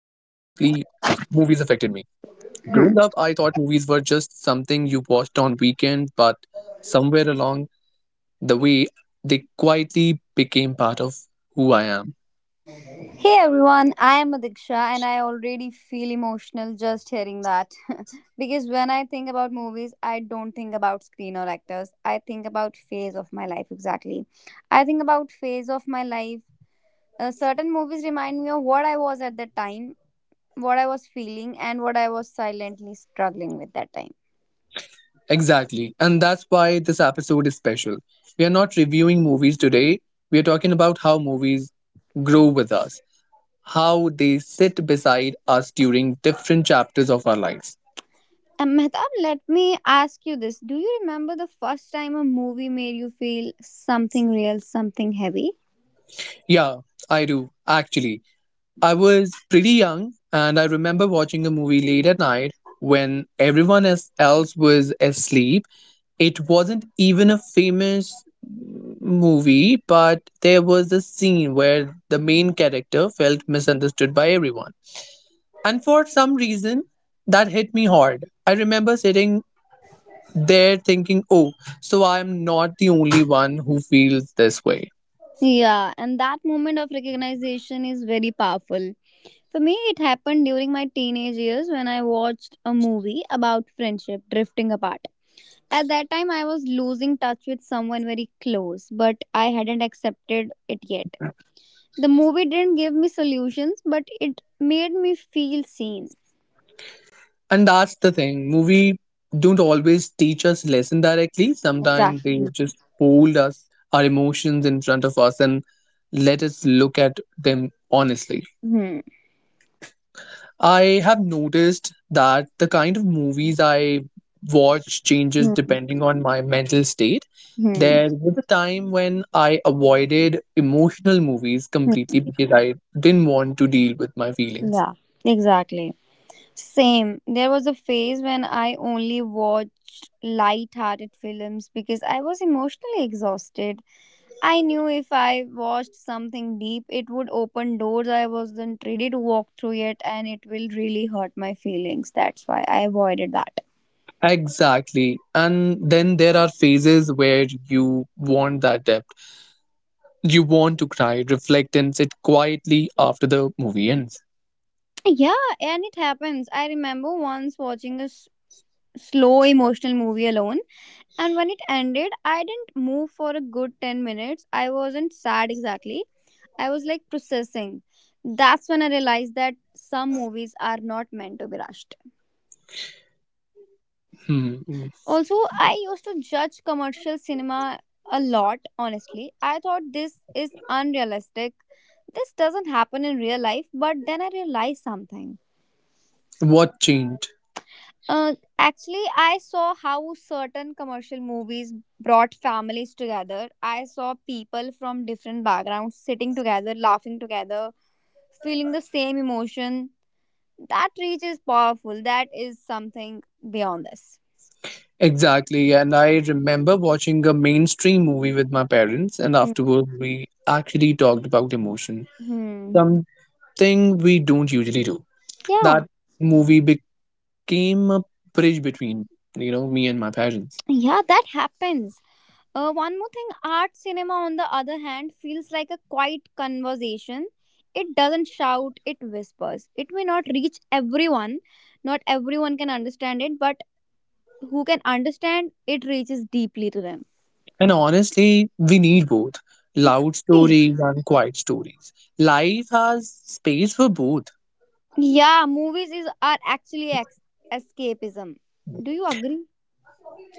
movies affected me. Growing up, I thought movies were just something you watched on weekends, but somewhere along the way, they quietly became part of who I am. Hey everyone, I am Adiksha and I already feel emotional just hearing that. Because when I think about movies, I don't think about screen or actors. I think about phase of my life exactly. I think about phase of my life. Certain movies remind me of what I was at that time, what I was feeling, and what I was silently struggling with that time. Exactly, and that's why this episode is special. We are not reviewing movies today, we are talking about how movies grow with us, how they sit beside us during different chapters of our lives. And Mehtab, let me ask you this. Do you remember the first time a movie made you feel something real, something heavy? Yeah, I do, actually. I was pretty young, and I remember watching a movie late at night when else was asleep. It wasn't even a famous movie, but there was a scene where the main character felt misunderstood by everyone. And for some reason, that hit me hard. I remember sitting they're thinking, oh, so I'm not the only one who feels this way. Yeah, and that moment of recognition is very powerful. For me, it happened during my teenage years when I watched a movie about friendship drifting apart. At that time, I was losing touch with someone very close, but I hadn't accepted it yet. The movie didn't give me solutions, but it made me feel seen. And that's the thing. Movie don't always teach us lesson directly. Sometimes they Exactly. just hold us, our emotions in front of us and let us look at them honestly. Hmm. I have noticed that the kind of movies I watch changes Hmm. depending on my mental state. Hmm. There was a time when I avoided emotional movies completely because I didn't want to deal with my feelings. Exactly. And then there are phases where you want that depth. You want to cry, reflect, and sit quietly after the movie ends. Hmm. What changed? Exactly. And I remember watching a mainstream movie with my parents, and afterward, we actually talked about emotion, something we don't usually do. That movie became a bridge between, you know, me and my parents. And honestly, we need both loud stories and quiet stories. Life has space for both,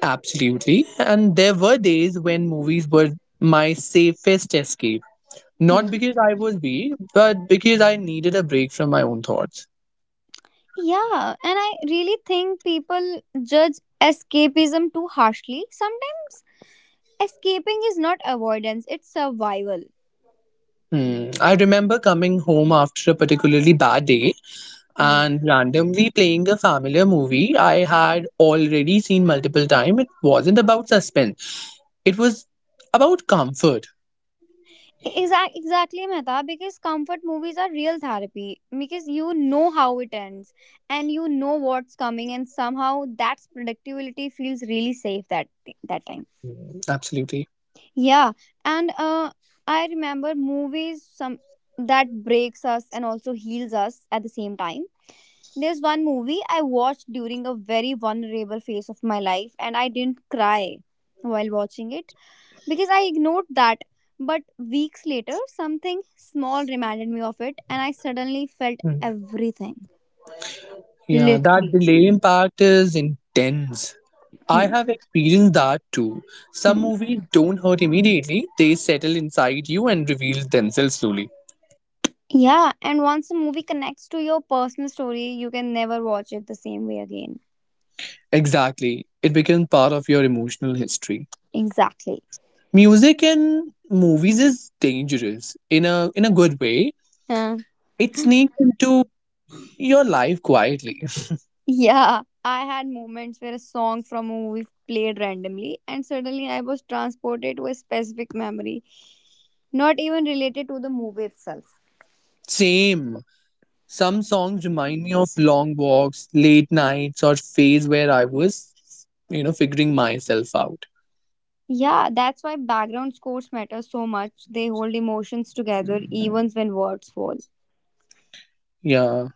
absolutely. And there were days when movies were my safest escape. Not because I was weak, but because I needed a break from my own thoughts. Hmm. I remember coming home after a particularly bad day and randomly playing a familiar movie I had already seen multiple times. It wasn't about suspense, it was about comfort. Hmm. Absolutely. Hmm. Yeah, that delay impact is intense. I have experienced that too. Some movies don't hurt immediately, they settle inside you and reveal themselves slowly. Exactly. It becomes part of your emotional history. Music in movies is dangerous in a good way. It sneaks into your life quietly. Same. Some songs remind me of long walks, late nights, or phase where I was, you know, figuring myself out. Yeah,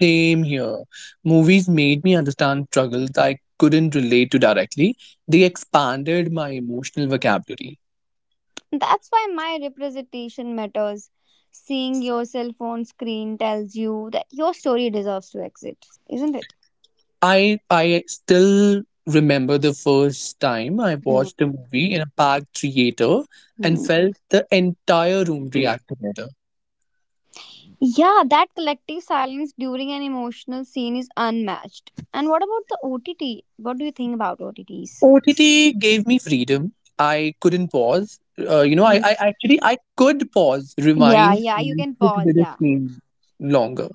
same here. Movies made me understand struggles I couldn't relate to directly. They expanded my emotional vocabulary. I still remember the first time I watched a movie in a packed theater and felt the entire room react together. OTT gave me freedom. I couldn't pause. I could pause, rewind, and sit with a scene longer.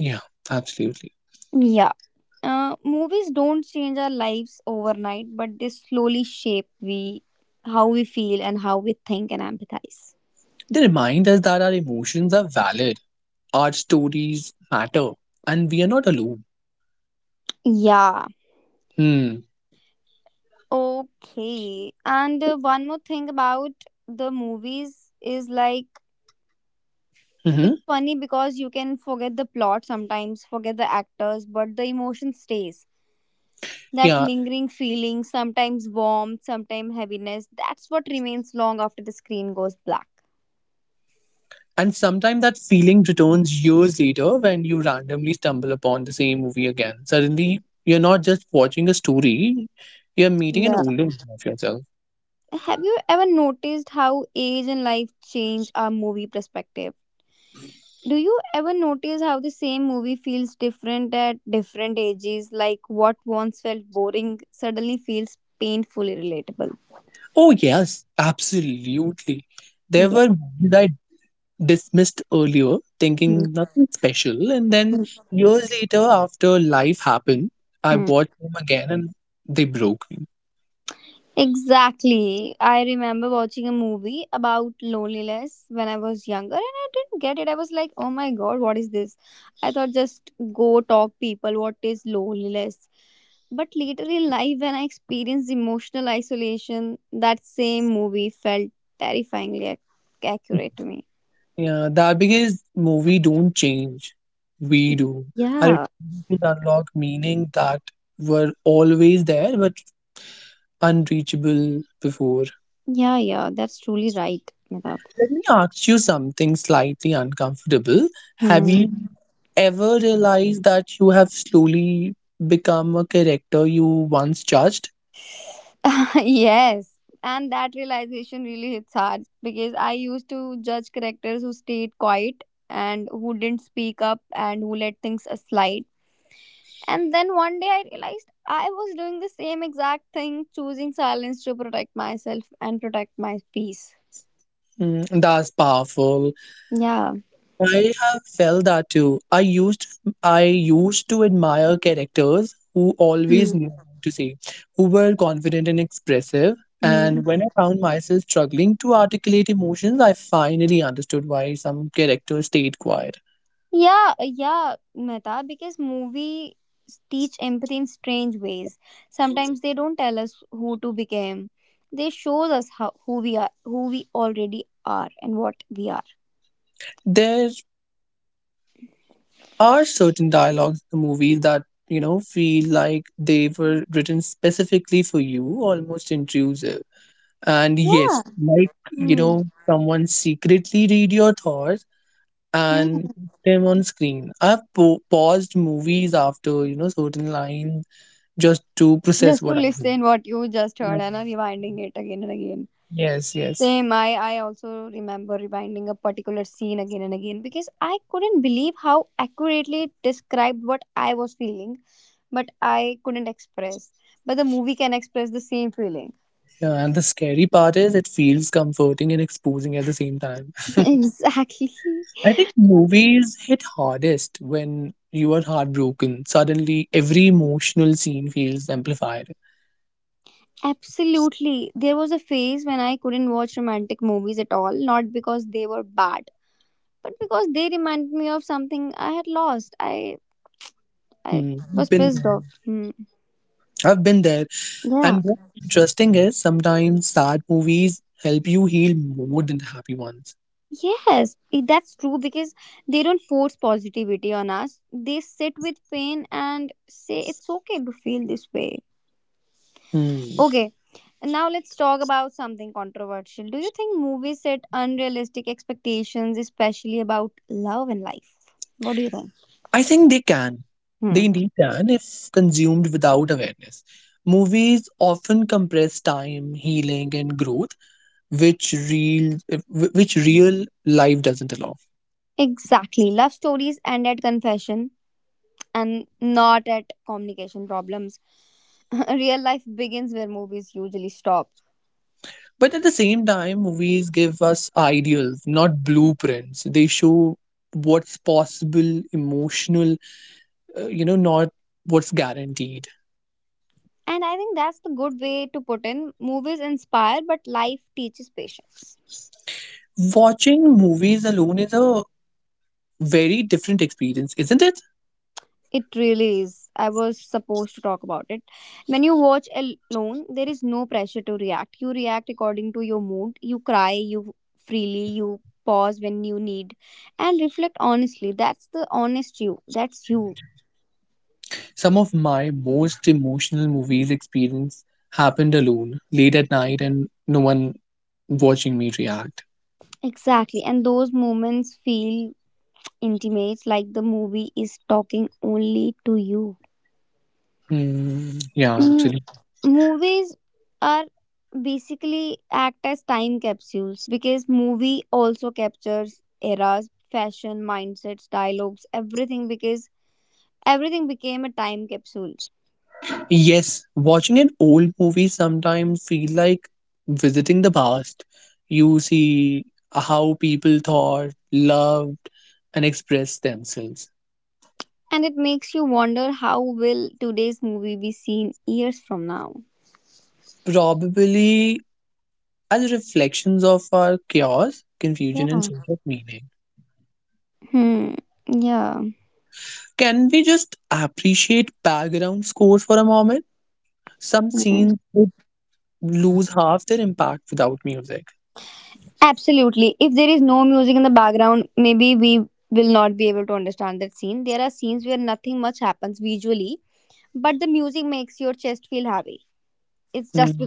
Yeah, absolutely. They remind us that our emotions are valid, our stories matter, and we are not alone. Hmm. Hmm. Yeah. And sometimes that feeling returns years later when you randomly stumble upon the same movie again. Suddenly, you're not just watching a story, you're meeting an older version of yourself. Oh, yes, absolutely. There were movies I dismissed earlier, thinking nothing special. And then years later, after life happened, I watched them again and they broke me. Yeah, that because movie don't change. We do. Our experiences unlock meaning that were always there but unreachable before. Let me ask you something slightly uncomfortable. Have you ever realized that you have slowly become a character you once judged? Mm, that's powerful. I have felt that too. I used to admire characters who always knew what to say, who were confident and expressive. And when I found myself struggling to articulate emotions, I finally understood why some characters stayed quiet. There are certain dialogues in the movies that, you know, feel like they were written specifically for you, almost intrusive. And yes, like, you know, someone secretly read your thoughts and put them on screen. I've paused movies after you know certain lines just to process what I heard. Yeah. Yes. Yeah, and the scary part is it feels comforting and exposing at the same time. I think movies hit hardest when you are heartbroken. Suddenly, every emotional scene feels amplified. Hmm. Been there. I've been there. And what's interesting is sometimes sad movies help you heal more than the happy ones. Hmm. I think they can. They indeed can if consumed without awareness. Movies often compress time, healing, and growth, which real life doesn't allow. But at the same time, movies give us ideals, not blueprints. They show what's possible, emotional, you know, not what's guaranteed. Watching movies alone is a very different experience, isn't it? Some of my most emotional movies experience happened alone, late at night, and no one watching me react. Hmm. Yeah, actually. Yes, watching an old movie sometimes feel like visiting the past. You see how people thought, loved, and expressed themselves. Probably as reflections of our chaos, confusion, and sense of meaning. Can we just appreciate background scores for a moment? Some scenes would lose half their impact without music. Mm.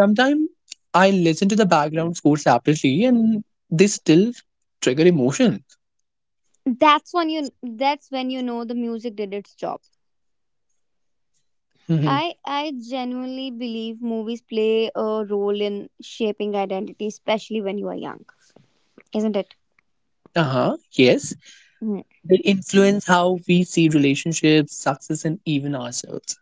Sometimes I listen to the background score separately and they still trigger emotion. Mhm. Uh-huh. Yes. They influence how we see relationships, success, and even ourselves.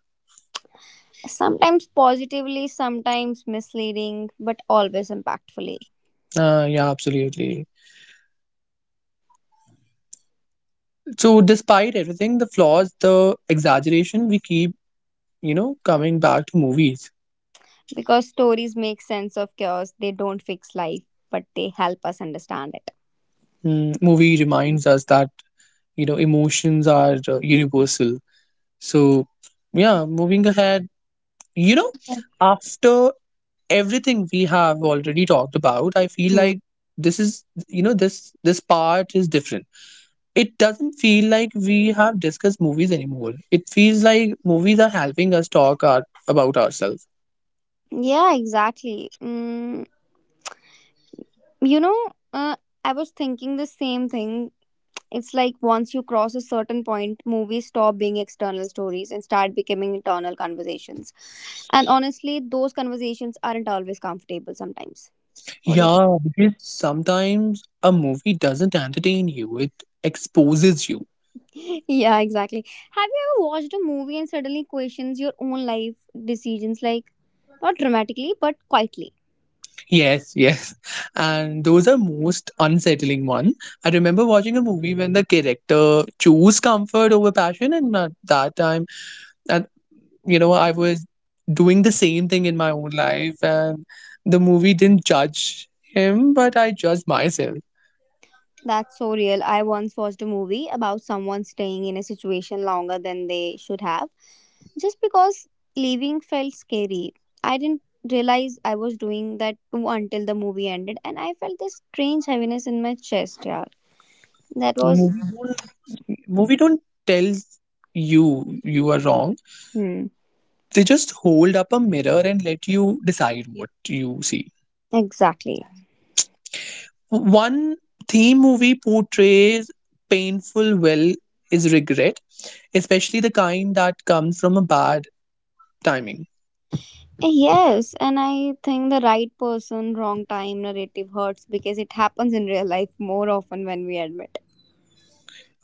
Yeah, absolutely. So despite everything, the flaws, the exaggeration, we keep, you know, coming back to movies. Mm, movie reminds us that, you know, emotions are universal. So, yeah, moving ahead, you know, after everything we have already talked about, I feel like this is, you know, this part is different. It doesn't feel like we have discussed movies anymore. It feels like movies are helping us talk our, about ourselves. Yeah, because sometimes a movie doesn't entertain you; it exposes you. Yes. And those are most unsettling one. I remember watching a movie when the character chose comfort over passion and at that time and you know I was doing the same thing in my own life and the movie didn't judge him but I judged myself. Movie don't tell you you are wrong. They just hold up a mirror and let you decide what you see. One theme movie portrays painful well is regret, especially the kind that comes from a bad timing.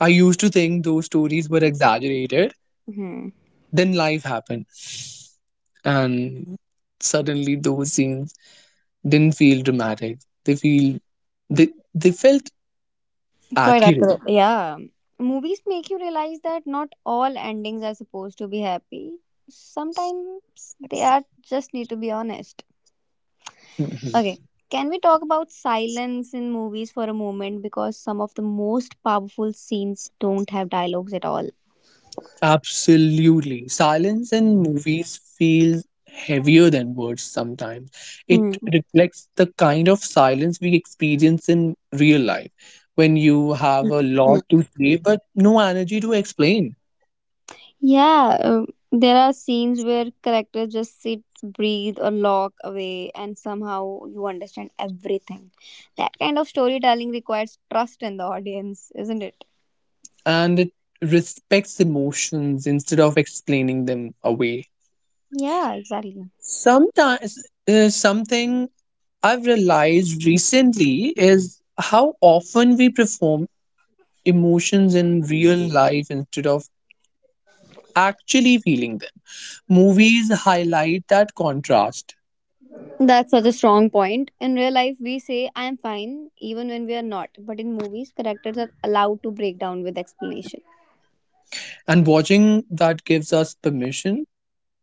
I used to think those stories were exaggerated, then life happened, and suddenly those scenes didn't feel dramatic. They feel they felt accurate. Absolutely. Silence in movies feels heavier than words sometimes. It reflects the kind of silence we experience in real life when you have a lot to say but no energy to explain. And it respects emotions instead of explaining them away. Sometimes, something I've realized recently is how often we perform emotions in real life instead of actually feeling them. Movies highlight that contrast, and watching that gives us permission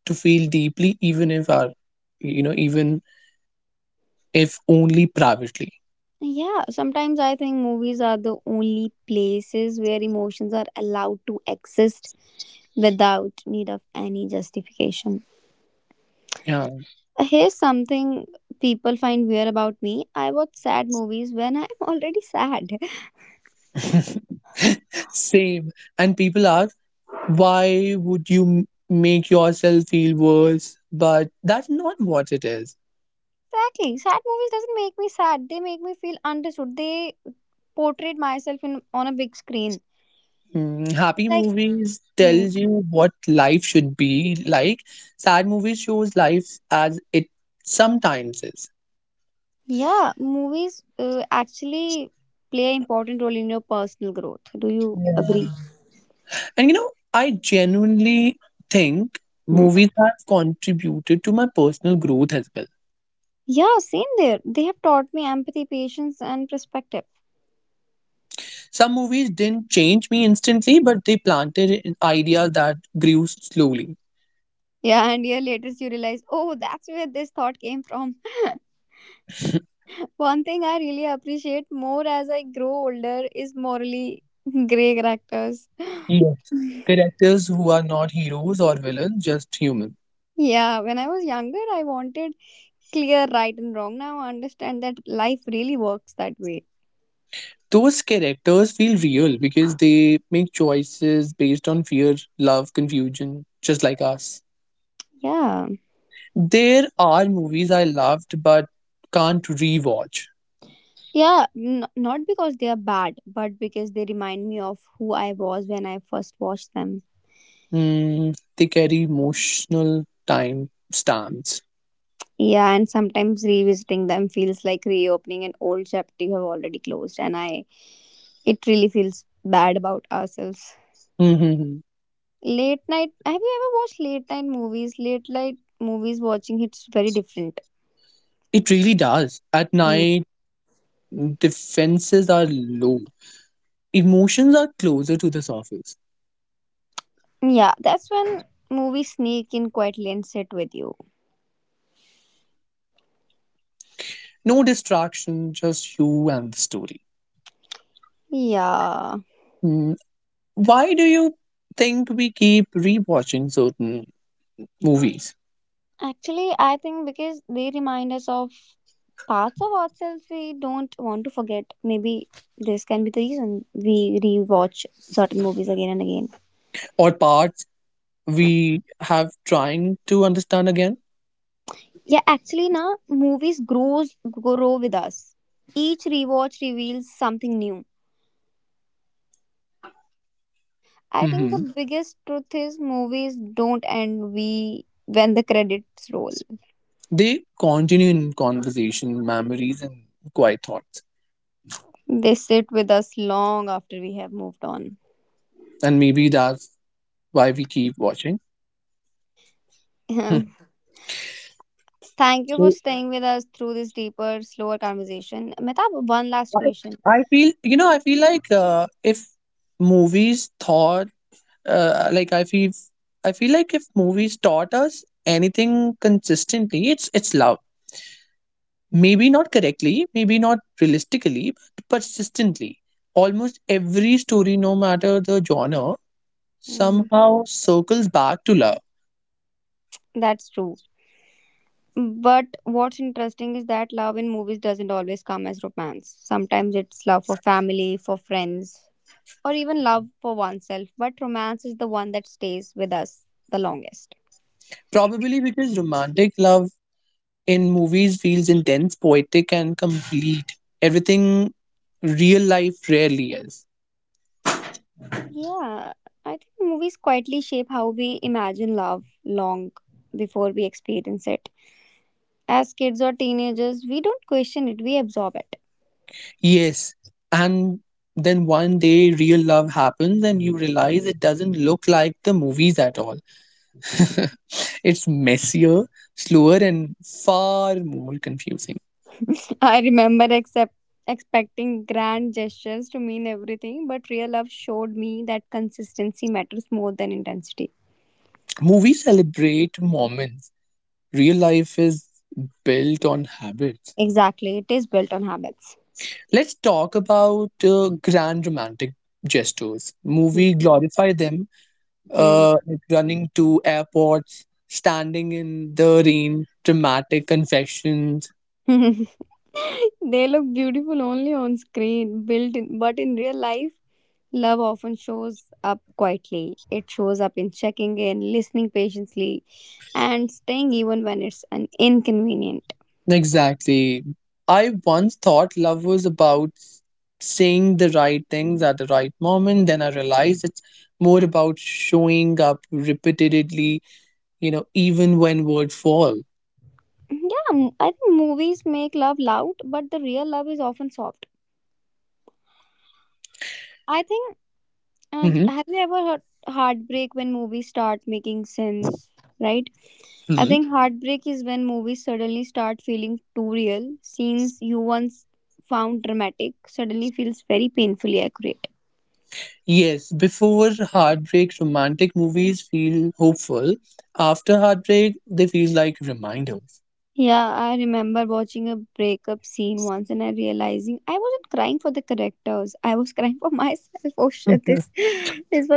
to feel deeply, even if our, you know, even if only privately. Yeah. Same. And people ask, why would you make yourself feel worse? But that's not what it is. Mm. Happy movies tells you what life should be like. Sad movies shows life as it sometimes is. And you know, I genuinely think movies have contributed to my personal growth as well. Some movies didn't change me instantly, but they planted an idea that grew slowly. Yes. Characters who are not heroes or villains, just human. Those characters feel real because they make choices based on fear, love, confusion, just like us. There are movies I loved but can't rewatch. Mm, they carry emotional time stamps. Mhm. It really does. At night, defenses are low. Emotions are closer to the surface. No distraction, just you and the story. Mm. Why do you think we keep rewatching certain movies or parts we have trying to understand again? Mhm. They continue in conversation, memories, and quiet thoughts and maybe that's why we keep watching. So I, I feel you know I feel like if movies thought like I feel like if movies taught us anything consistently, it's love. Maybe not correctly, maybe not realistically, but persistently. Almost every story, no matter the genre, somehow circles back to love. Probably because romantic love in movies feels intense, poetic, and complete. Everything real life rarely is. Yes, and then one day real love happens, and you realize it doesn't look like the movies at all. It's messier, slower, and far more confusing. Movies celebrate moments, real life is built on habits. Let's talk about grand romantic gestures. Movie glorify them, like running to airports, standing in the rain, dramatic confessions. Exactly. I once thought love was about saying the right things at the right moment. Then I realized it's more about showing up repeatedly, you know, even when words fall. Hmm. Hmm. Yes, before heartbreak, romantic movies feel hopeful. After heartbreak, they feel like reminders.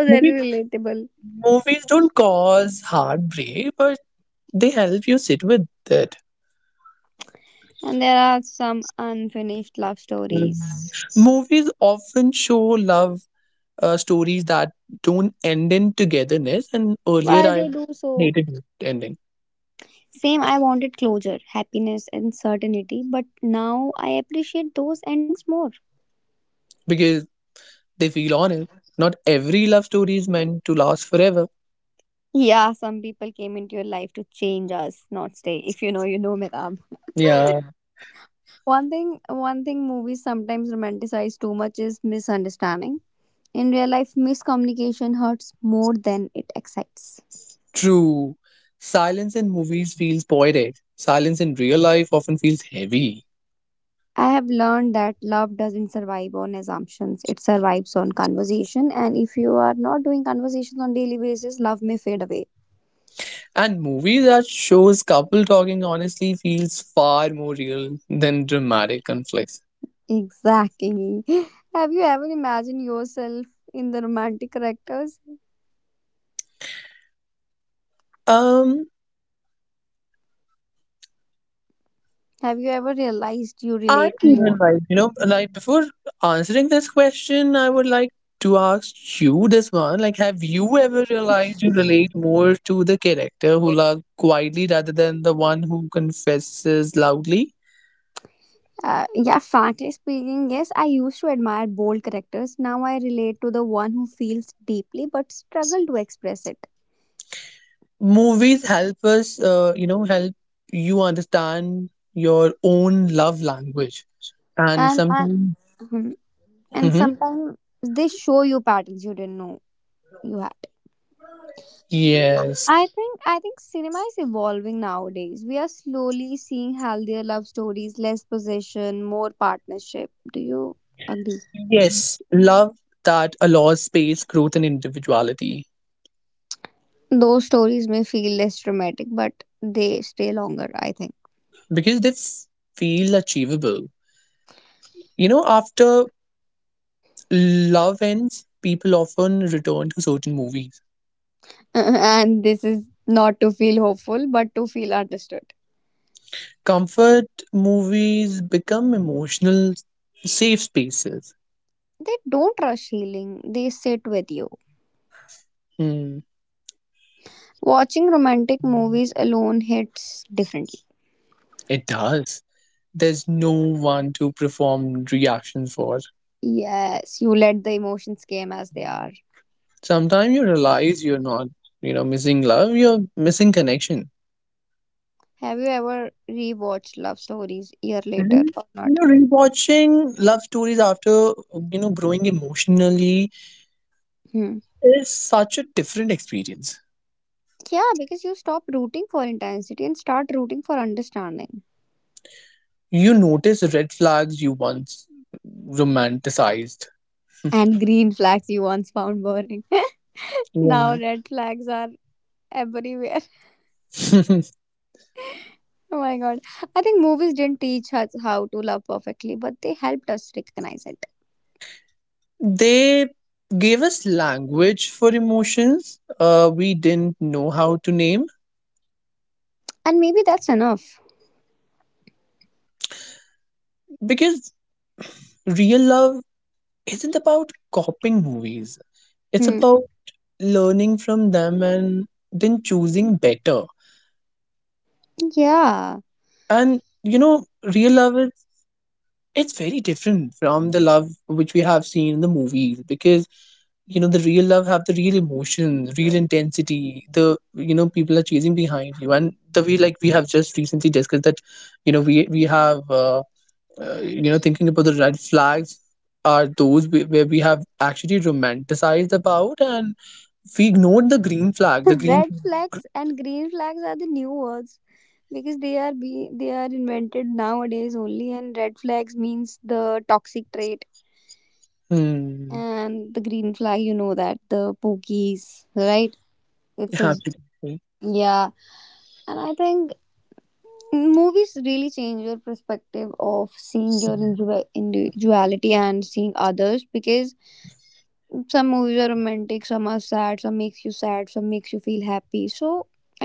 Movie. Movies don't cause heartbreak, but they help you sit with it. Movies often show love stories that don't end in togetherness, and earlier I hated it ending because they feel honest. Not every love story is meant to last forever. Yeah, true. Silence in movies feels poetic. Silence in real life often feels heavy. And movies that shows couple talking honestly feels far more real than dramatic conflicts. Um, I even like, you know, like before answering this question, I would like to ask you this one. Like, have you ever realized you relate more to the character who loves quietly rather than the one who confesses loudly? Movies help us, you know, help you understand your own love language. And sometimes, Mhm. yes, yes, love that allows space, growth, and individuality. Because they feel achievable. You know, after love ends, people often return to certain movies. Comfort movies become emotional safe spaces. Hmm, it does. There's no one to perform reaction for. Sometimes you realize you're not, you know, missing love, you're missing connection. Re- you know, rewatching love stories after, you know, growing emotionally is such a different experience. You notice red flags you once romanticized. Yeah. They gave us language for emotions we didn't know how to name because real love isn't about copying movies, it's about learning from them and then choosing better. And you know, real love is, it's very different from the love which we have seen in the movies because you know the real love have the real emotions, real intensity, the you know people are chasing behind you and the way like we have just recently discussed that you know we have you know thinking about the red flags are those where we have actually romanticized about and we ignored the green flag the green. Hmm, absolutely.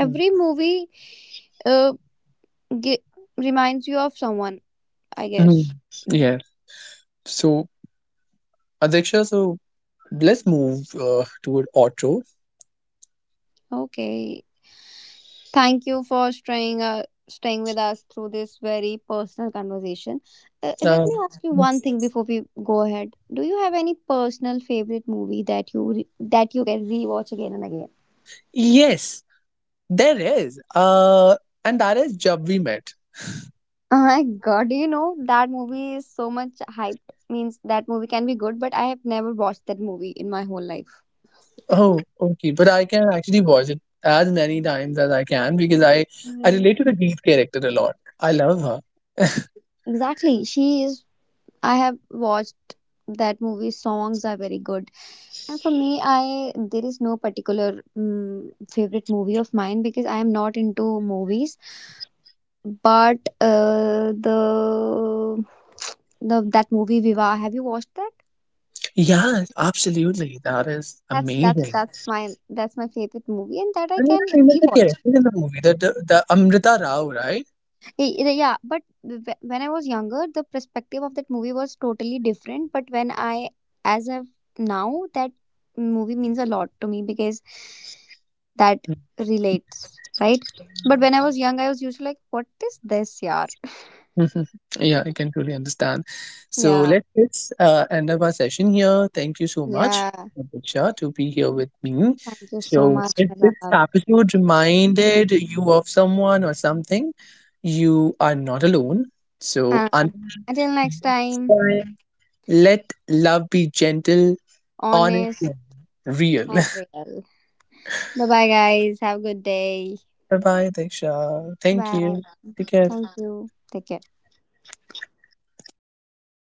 Hmm. Mhm. Yeah. So, Adiksha, so let's move toward auto. Uh, yes. Yes, there is. And that is Jab We Met. Oh, okay. But I can actually watch it as many times as I can because I relate to the lead character a lot. I love her. Yeah, absolutely. That is amazing. And you know, the name of the character in the movie, the Amrita Rao, right? Mhm. Yeah, I can truly understand. So let us end up our session here. Thank you so much, Diksha, to be here with me. So if this episode reminded you of someone or something, you are not alone. So until next time, let love be gentle, honest, and real. Bye bye, Diksha. Thank you. Take care.